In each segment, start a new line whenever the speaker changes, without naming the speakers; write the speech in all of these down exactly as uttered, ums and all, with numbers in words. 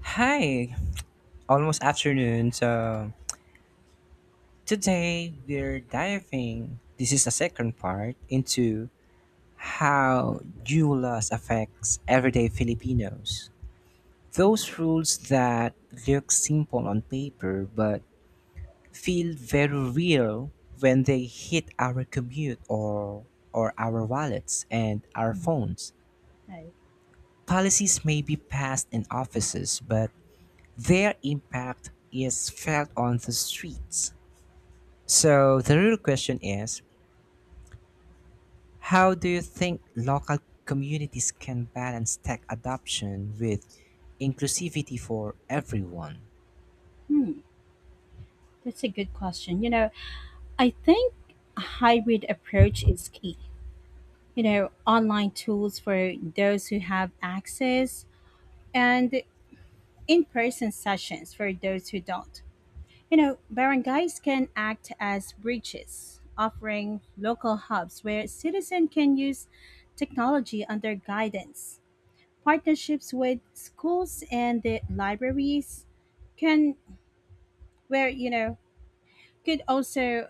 Hi, almost afternoon. So today we're diving. This is the second part into how U L As affects everyday Filipinos. Those rules that look simple on paper but feel very real when they hit our commute or or our wallets and our phones.
Okay.
Policies may be passed in offices, but their impact is felt on the streets. So the real question is, how do you think local communities can balance tech adoption with inclusivity for everyone?
Hmm. That's a good question. You know, I think a hybrid approach is key. You know, online tools for those who have access and in person sessions for those who don't. You know, barangays can act as bridges, offering local hubs where citizens can use technology under guidance. Partnerships with schools and the libraries can, where, you know, could also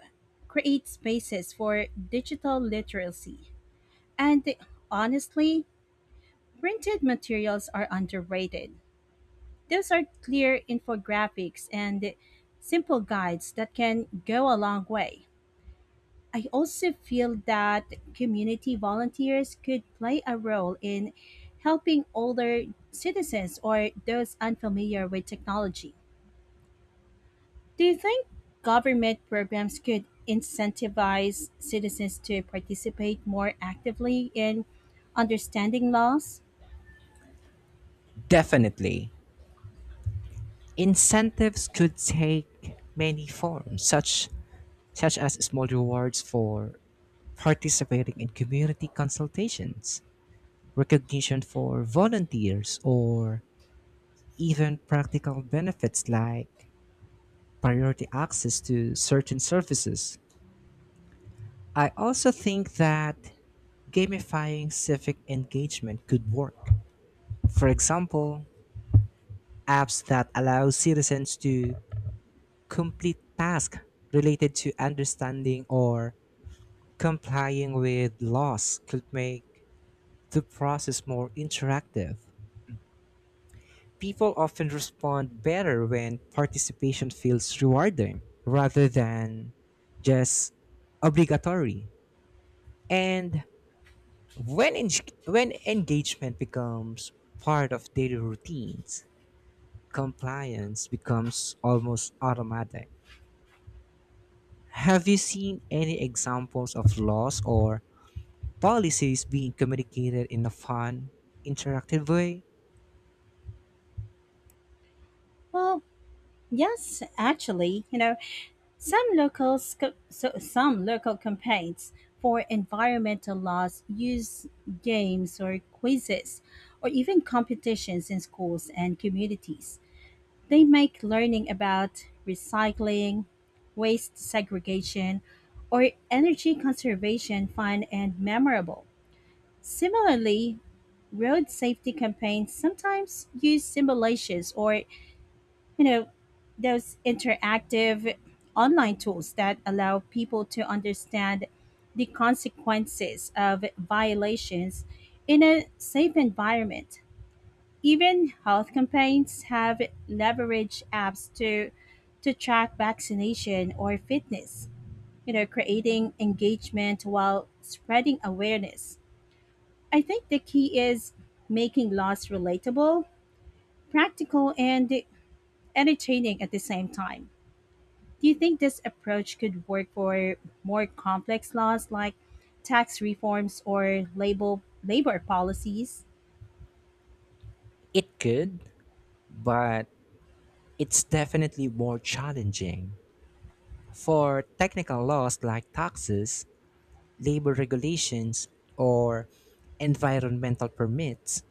create spaces for digital literacy. And honestly, printed materials are underrated. Those are clear infographics and simple guides that can go a long way. I also feel that community volunteers could play a role in helping older citizens or those unfamiliar with technology. Do you think government programs could incentivize citizens to participate more actively in understanding laws?
Definitely. Incentives could take many forms, such such as small rewards for participating in community consultations, recognition for volunteers, or even practical benefits like priority access to certain services. I also think that gamifying civic engagement could work. For example, apps that allow citizens to complete tasks related to understanding or complying with laws could make the process more interactive. People often respond better when participation feels rewarding rather than just obligatory. And when, en- when engagement becomes part of daily routines, compliance becomes almost automatic. Have you seen any examples of laws or policies being communicated in a fun, interactive way?
Well, yes, actually, you know, some local co- so some local campaigns for environmental laws use games or quizzes or even competitions in schools and communities. They make learning about recycling, waste segregation, or energy conservation fun and memorable. Similarly, road safety campaigns sometimes use simulations or, you know, those interactive online tools that allow people to understand the consequences of violations in a safe environment. Even health campaigns have leveraged apps to to track vaccination or fitness, you know, creating engagement while spreading awareness. I think the key is making laws relatable, practical and entertaining at the same time. Do you think this approach could work for more complex laws like tax reforms or label labor policies?
It could, but it's definitely more challenging. For technical laws like taxes, labor regulations, or environmental permits,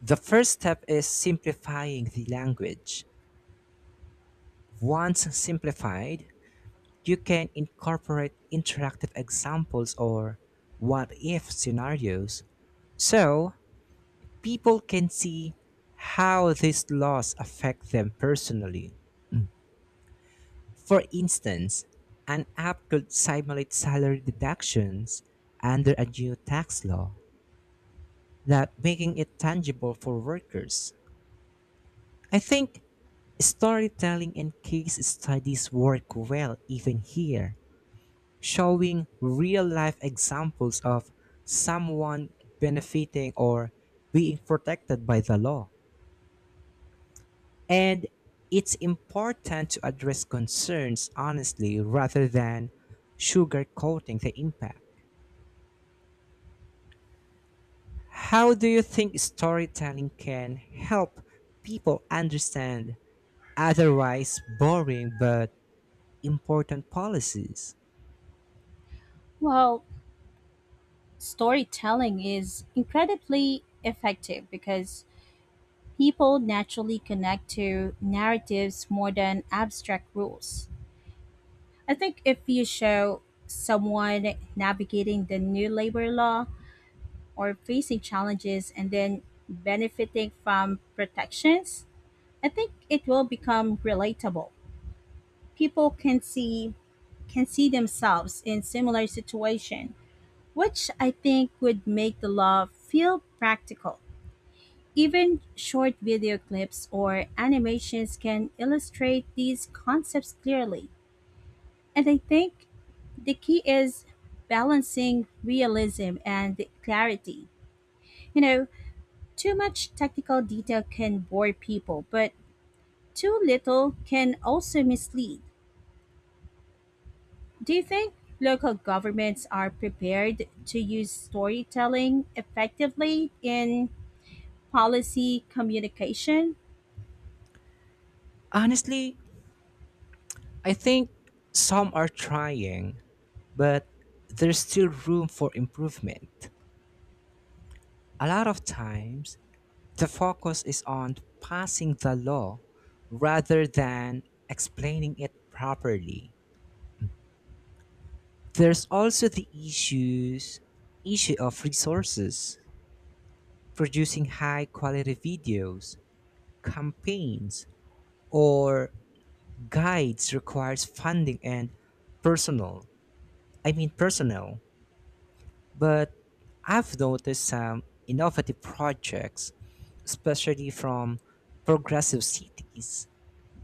the first step is simplifying the language. Once simplified, you can incorporate interactive examples or what if scenarios so people can see how these laws affect them personally. For instance, an app could simulate salary deductions under a new tax law, that making it tangible for workers. I think storytelling and case studies work well even here, showing real life examples of someone benefiting or being protected by the law. And it's important to address concerns honestly rather than sugarcoating the impact. How do you think storytelling can help people understand otherwise boring but important policies?
Well, storytelling is incredibly effective because people naturally connect to narratives more than abstract rules. I think if you show someone navigating the new labor law or facing challenges and then benefiting from protections, I think it will become relatable. People can see can see themselves in similar situation, which I think would make the law feel practical. Even short video clips or animations can illustrate these concepts clearly. And I think the key is balancing realism and clarity. You know, too much technical detail can bore people, but too little can also mislead. Do you think local governments are prepared to use storytelling effectively in policy communication?
Honestly, I think some are trying, but there's still room for improvement. A lot of times, the focus is on passing the law rather than explaining it properly. There's also the issues issue of resources. Producing high quality videos, campaigns, or guides requires funding and personal. I mean personnel. But I've noticed some innovative projects, especially from progressive cities,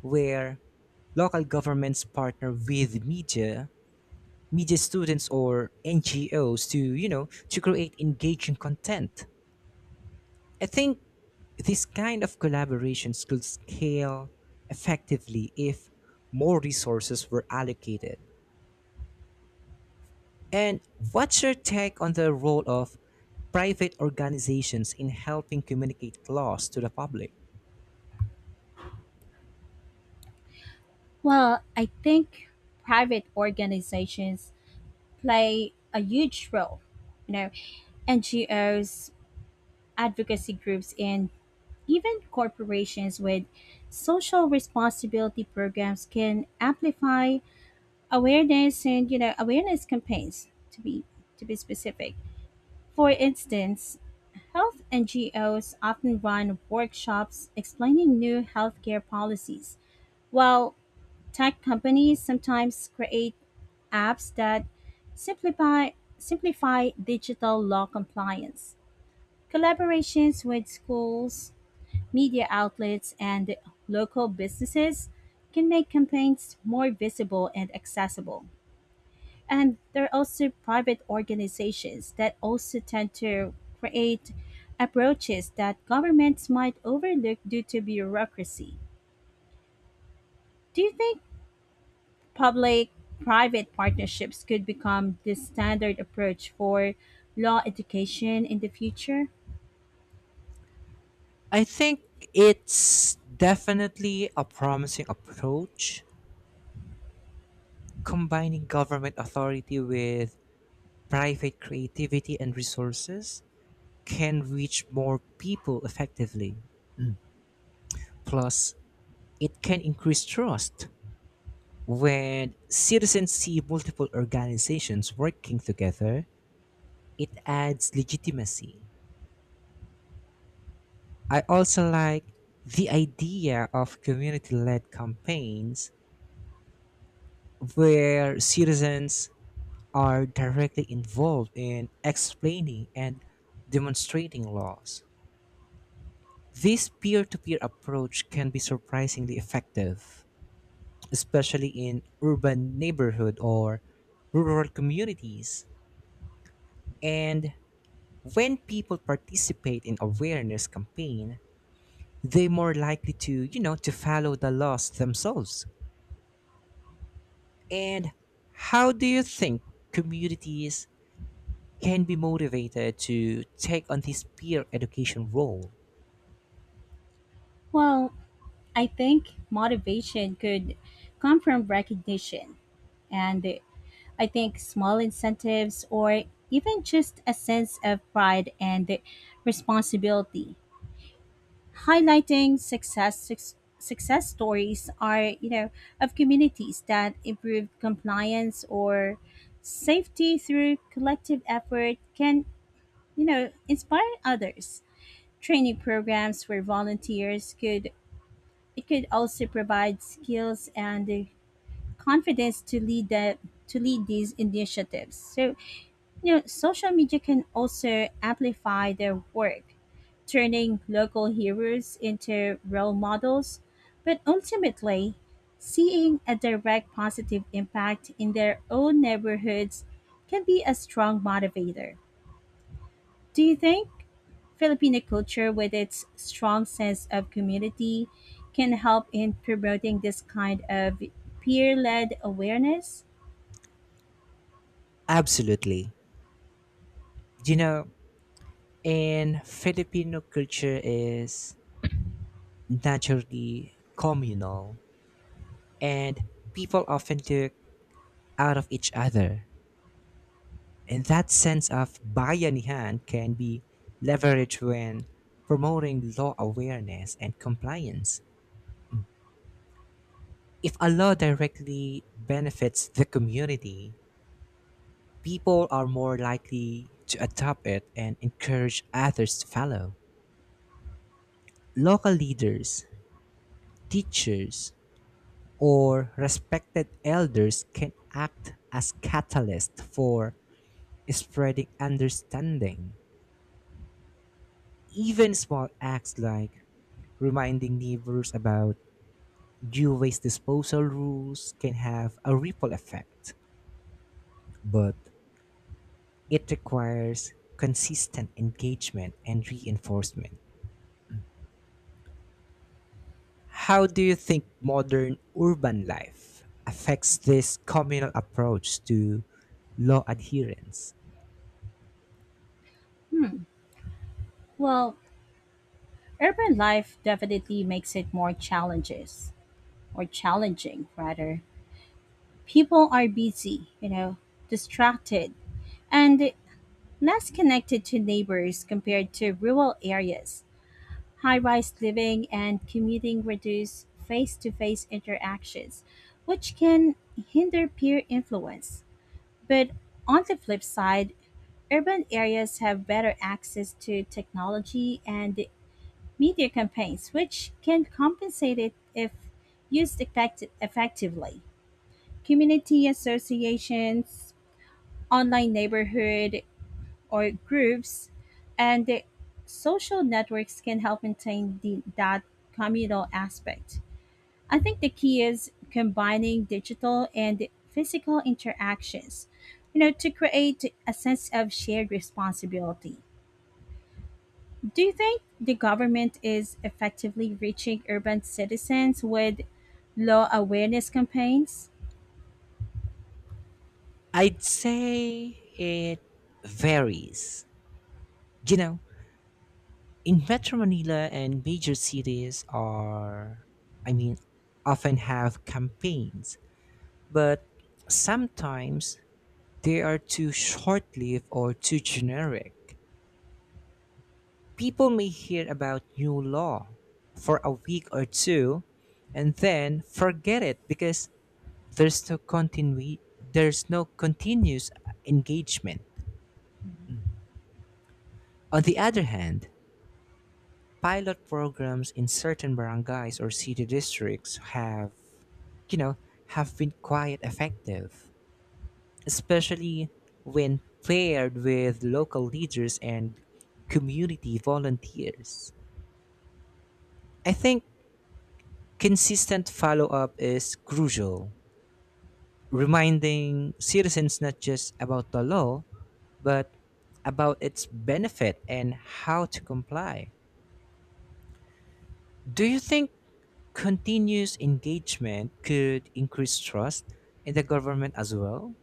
where local governments partner with media, media students, or N G Os to, you know, to create engaging content. I think this kind of collaborations could scale effectively if more resources were allocated. And what's your take on the role of private organizations in helping communicate laws to the public?
Well, I think private organizations play a huge role. You know, N G Os, advocacy groups, and even corporations with social responsibility programs can amplify awareness and you know awareness campaigns to be to be specific. For instance, health N G Os often run workshops explaining new healthcare policies, while tech companies sometimes create apps that simplify simplify digital law compliance. Collaborations with schools, media outlets, and local businesses can make campaigns more visible and accessible. And there are also private organizations that also tend to create approaches that governments might overlook due to bureaucracy. Do you think public-private partnerships could become the standard approach for law education in the future?
I think it's definitely a promising approach. Combining government authority with private creativity and resources can reach more people effectively. Plus, it can increase trust. When citizens see multiple organizations working together, it adds legitimacy. I also like the idea of community led campaigns where citizens are directly involved in explaining and demonstrating laws. This peer to peer approach can be surprisingly effective, especially in urban neighborhood or rural communities. And when people participate in awareness campaign, they more likely to, you know, to follow the laws themselves. And how do you think communities can be motivated to take on this peer education role?
Well, I think motivation could come from recognition. And I think small incentives or even just a sense of pride and responsibility, highlighting success suc- success stories, are, you know, of communities that improved compliance or safety through collective effort, can, you know, inspire others. Training programs for volunteers could it could also provide skills and the confidence to lead the to lead these initiatives. So, you know, social media can also amplify their work, turning local heroes into role models, but ultimately, seeing a direct positive impact in their own neighborhoods can be a strong motivator. Do you think Filipino culture, with its strong sense of community, can help in promoting this kind of peer led awareness?
Absolutely. You know, in Filipino culture is naturally communal and people often look out of each other. And that sense of bayanihan can be leveraged when promoting law awareness and compliance. If a law directly benefits the community, people are more likely to adopt it and encourage others to follow. Local leaders, teachers, or respected elders can act as catalysts for spreading understanding. Even small acts like reminding neighbors about new waste disposal rules can have a ripple effect, but it requires consistent engagement and reinforcement. How do you think modern urban life affects this communal approach to law adherence?
Hmm. Well, urban life definitely makes it more challenges or challenging rather. People are busy, you know, distracted and less connected to neighbors compared to rural areas. High-rise living and commuting reduce face-to-face interactions, which can hinder peer influence. But on the flip side, urban areas have better access to technology and media campaigns, which can compensate it if used effect- effectively. Community associations, online neighborhood or groups, and the social networks can help maintain the, that communal aspect. I think the key is combining digital and physical interactions, you know, to create a sense of shared responsibility. Do you think the government is effectively reaching urban citizens with law awareness campaigns?
I'd say it varies. You know, in Metro Manila and major cities are, I mean, often have campaigns, but sometimes they are too short lived or too generic. People may hear about new law for a week or two and then forget it because there's no continu- there's no continuous engagement. On the other hand, pilot programs in certain barangays or city districts have, you know, have been quite effective, especially when paired with local leaders and community volunteers. I think consistent follow up is crucial, reminding citizens not just about the law, but about its benefit and how to comply. Do you think continuous engagement could increase trust in the government as well?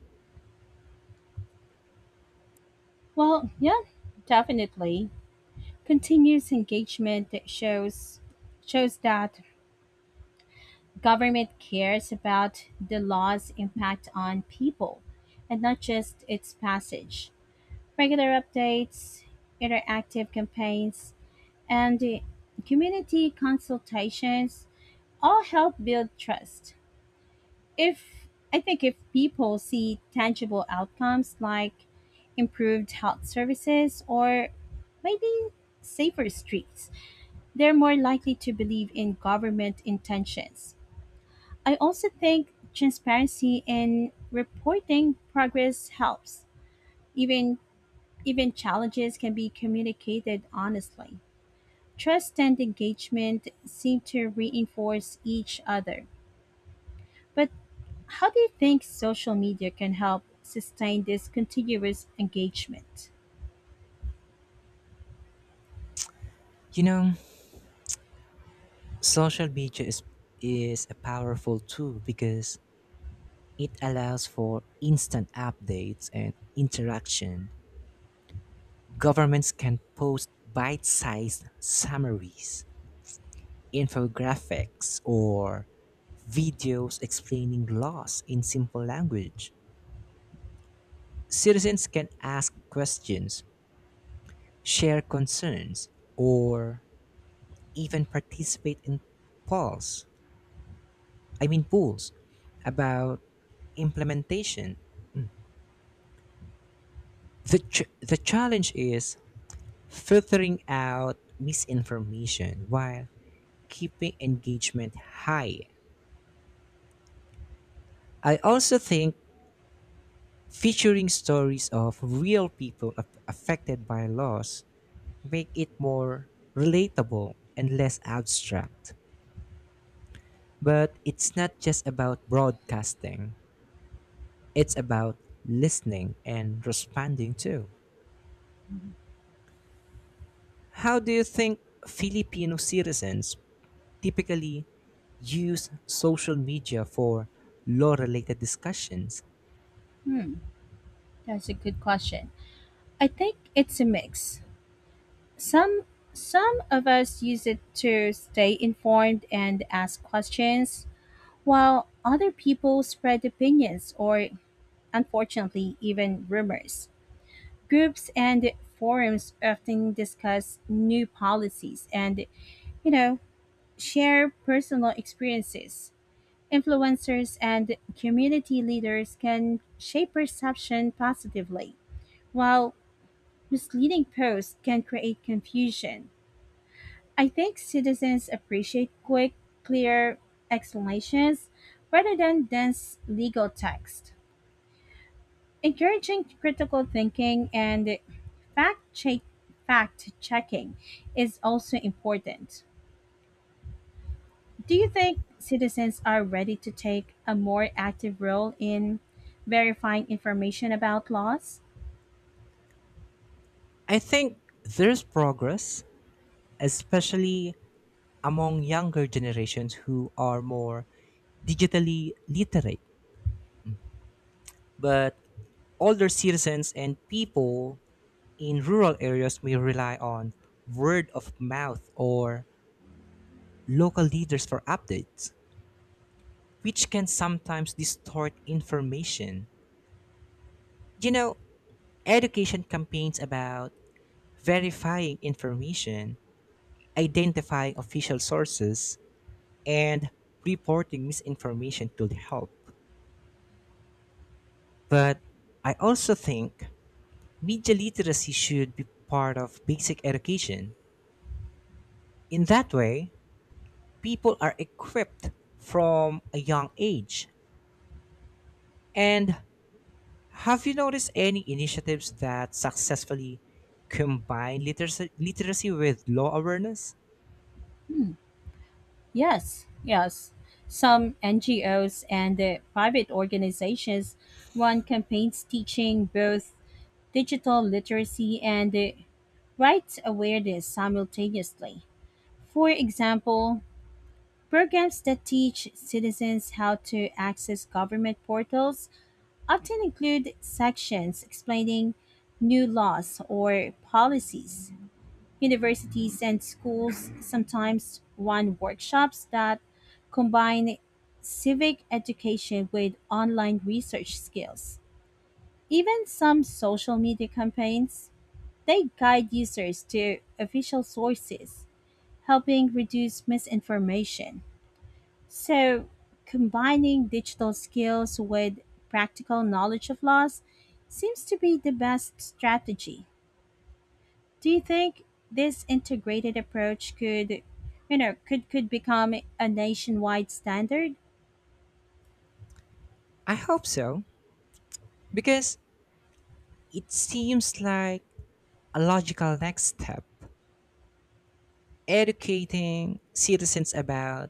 Well, yeah, definitely. Continuous engagement that shows shows that government cares about the law's impact on people and not just its passage. Regular updates, interactive campaigns, and uh, community consultations all help build trust. If I think if people see tangible outcomes like improved health services or maybe safer streets, they're more likely to believe in government intentions. I also think transparency in reporting progress helps. Even even challenges can be communicated honestly. Trust and engagement seem to reinforce each other. But how do you think social media can help sustain this continuous engagement?
You know, social media is, is a powerful tool because it allows for instant updates and interaction. Governments can post bite sized summaries, infographics, or videos explaining laws in simple language. Citizens can ask questions, share concerns, or even participate in polls, I mean polls, about implementation. The, ch- the challenge is filtering out misinformation while keeping engagement high. I also think featuring stories of real people af- affected by loss make it more relatable and less abstract. But it's not just about broadcasting, it's about listening and responding too. How do you think Filipino citizens typically use social media for law related discussions?
Hmm, that's a good question. I think it's a mix. Some some of us use it to stay informed and ask questions, while other people spread opinions or unfortunately even rumors. Groups and forums often discuss new policies and, you know, share personal experiences. Influencers and community leaders can shape perception positively, while misleading posts can create confusion. I think citizens appreciate quick, clear explanations rather than dense legal text. Encouraging critical thinking and fact check fact checking is also important. Do you think citizens are ready to take a more active role in verifying information about laws?
I think there's progress, especially among younger generations who are more digitally literate. But older citizens and people in rural areas may rely on word of mouth or local leaders for updates, which can sometimes distort information. You know, education campaigns about verifying information, identifying official sources, and reporting misinformation could help. But I also think media literacy should be part of basic education. In that way, people are equipped from a young age. And have you noticed any initiatives that successfully combine literacy, literacy with law awareness?
Yes, yes. Some N G Os and uh, private organizations run campaigns teaching both digital literacy and uh, rights awareness simultaneously. For example, programs that teach citizens how to access government portals often include sections explaining new laws or policies. Universities and schools sometimes run workshops that combine civic education with online research skills. Even some social media campaigns, they guide users to official sources, helping reduce misinformation. So, combining digital skills with practical knowledge of laws seems to be the best strategy. Do you think this integrated approach could, you know, could could become a nationwide standard?
I hope so, because it seems like a logical next step. Educating citizens about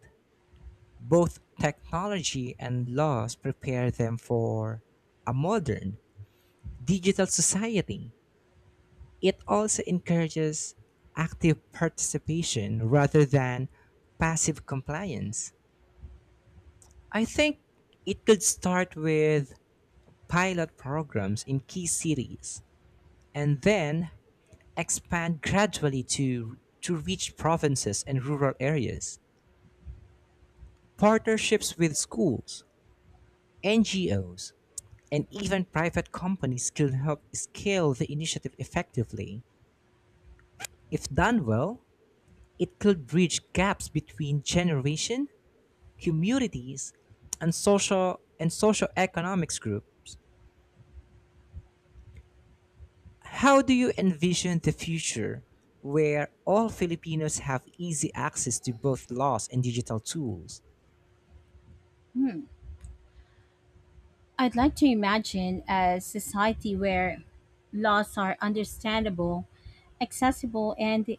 both technology and laws prepare them for a modern digital society. It also encourages active participation rather than passive compliance. I think it could start with pilot programs in key cities and then expand gradually to, to reach provinces and rural areas. Partnerships with schools, N G Os, and even private companies can help scale the initiative effectively. If done well, it could bridge gaps between generation, communities, and social and socioeconomics groups. How do you envision the future where all Filipinos have easy access to both laws and digital tools?
Hmm. I'd like to imagine a society where laws are understandable, accessible, and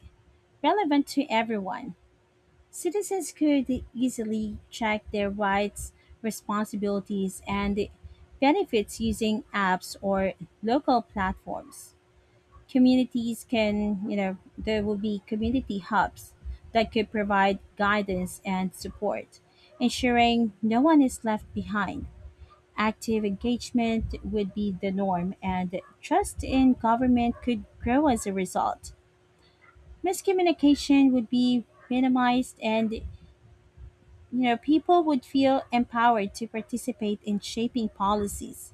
relevant to everyone. Citizens could easily check their rights, responsibilities, and benefits using apps or local platforms. Communities can, you know, there will be community hubs that could provide guidance and support, ensuring no one is left behind. Active engagement would be the norm, and trust in government could grow as a result. Miscommunication would be minimized, and, you know, people would feel empowered to participate in shaping policies.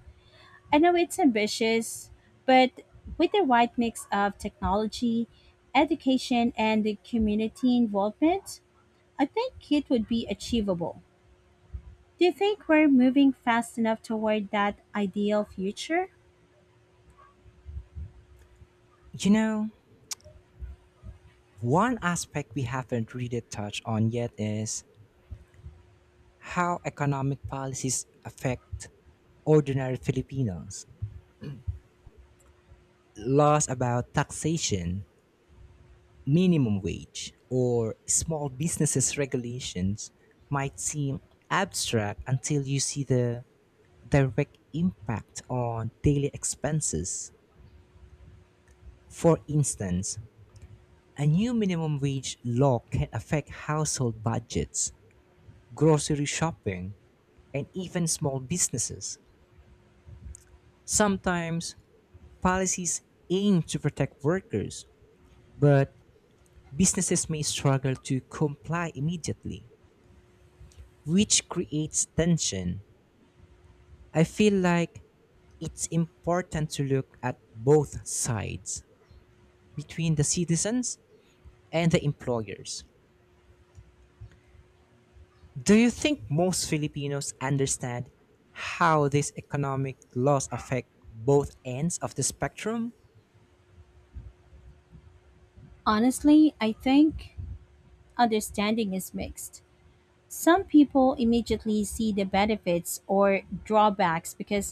I know it's ambitious, but with the right mix of technology, education and the community involvement, I think it would be achievable. Do you think we're moving fast enough toward that ideal future?
You know, one aspect we haven't really touched on yet is how economic policies affect ordinary Filipinos. Laws about taxation, minimum wage, or small businesses regulations might seem abstract until you see the direct impact on daily expenses. For instance, a new minimum wage law can affect household budgets, grocery shopping, and even small businesses. Sometimes policies aim to protect workers, but businesses may struggle to comply immediately, which creates tension. I feel like it's important to look at both sides, between the citizens and the employers. Do you think most Filipinos understand how these economic laws affect both ends of the spectrum?
Honestly, I think understanding is mixed. Some people immediately see the benefits or drawbacks because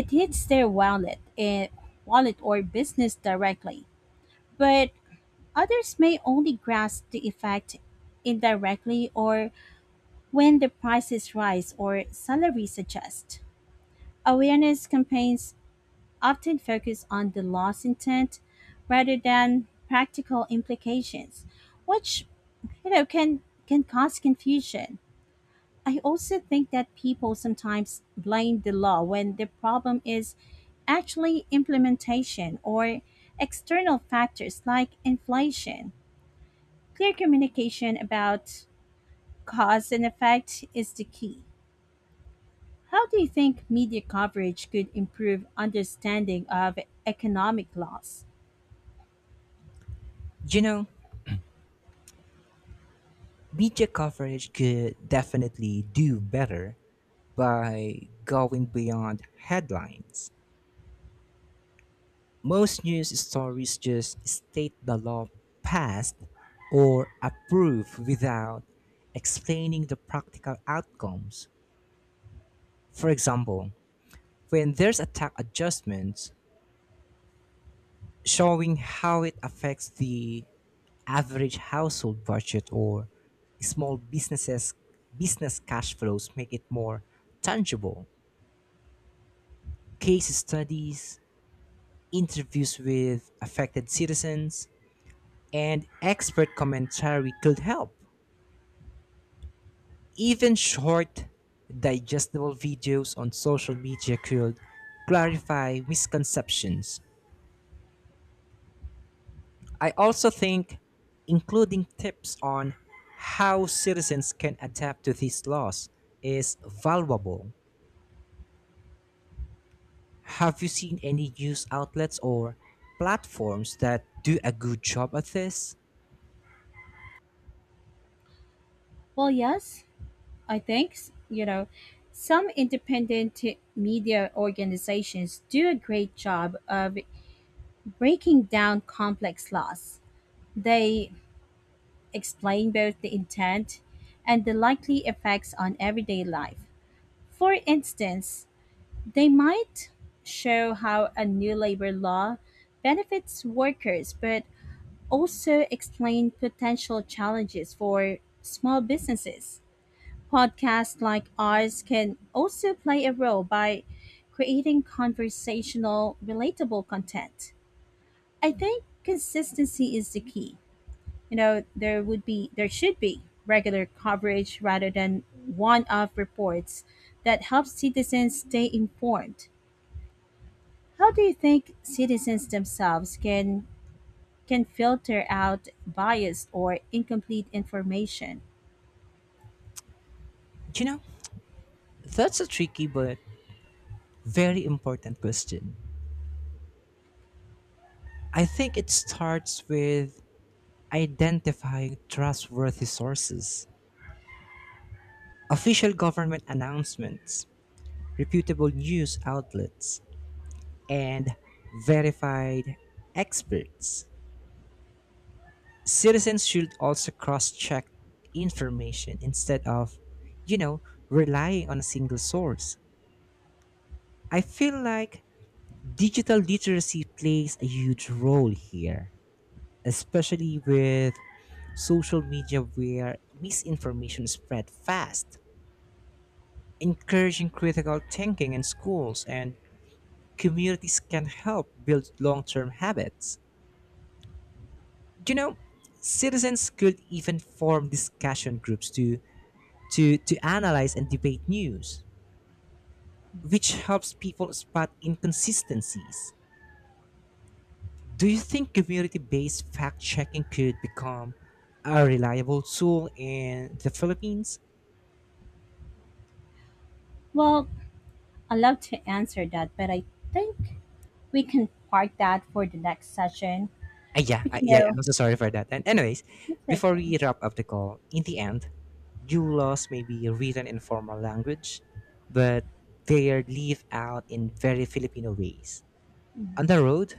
it hits their wallet, eh, wallet or business directly. But others may only grasp the effect indirectly or when the prices rise or salaries adjust. Awareness campaigns often focus on the loss intent rather than practical implications, which, you know, can can cause confusion. I also think that people sometimes blame the law when the problem is actually implementation or external factors like inflation. Clear communication about cause and effect is the key. How do you think media coverage could improve understanding of economic laws?
You know, media coverage could definitely do better by going beyond headlines. Most news stories just state the law passed or approved without explaining the practical outcomes. For example, when there's a tax adjustment, showing how it affects the average household budget or small businesses business cash flows make it more tangible. Case studies, interviews with affected citizens, and expert commentary could help. Even short, digestible videos on social media could clarify misconceptions. I also think including tips on how citizens can adapt to these laws is valuable. Have you seen any news outlets or platforms that do a good job at this?
Well, yes, I think, s- you know, some independent media organizations do a great job of breaking down complex laws. They explain both the intent and the likely effects on everyday life. For instance, they might show how a new labor law benefits workers but also explain potential challenges for small businesses. Podcasts like ours can also play a role by creating conversational, relatable content. I think consistency is the key. You know, there would be there should be regular coverage rather than one-off reports. That helps citizens stay informed. How do you think citizens themselves can can filter out biased or incomplete information?
You know, that's a tricky but very important question. I think it starts with identifying trustworthy sources. Official government announcements, reputable news outlets, and verified experts. Citizens should also cross check information instead of, you know, relying on a single source. I feel like digital literacy plays a huge role here, especially with social media where misinformation spread fast. Encouraging critical thinking in schools and communities can help build long term habits. You know, citizens could even form discussion groups to, to, to analyze and debate news, which helps people spot inconsistencies. Do you think community based fact checking could become a reliable tool in the Philippines?
Well, I love to answer that, but I think we can park that for the next session.
Uh, yeah,
But
I,
you
yeah,
know,
I'm so sorry for that. And anyways,
it's okay.
before we wrap up the call, in the end, you lost maybe written in formal language, but they are live out in very Filipino ways. On the road,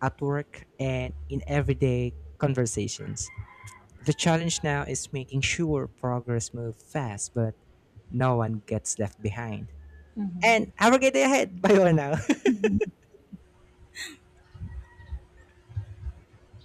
at work, and in everyday conversations. The challenge now is making sure progress moves fast, but no one gets left behind.
Mhm.
And have a great day ahead. Bye bye now.
Mhm.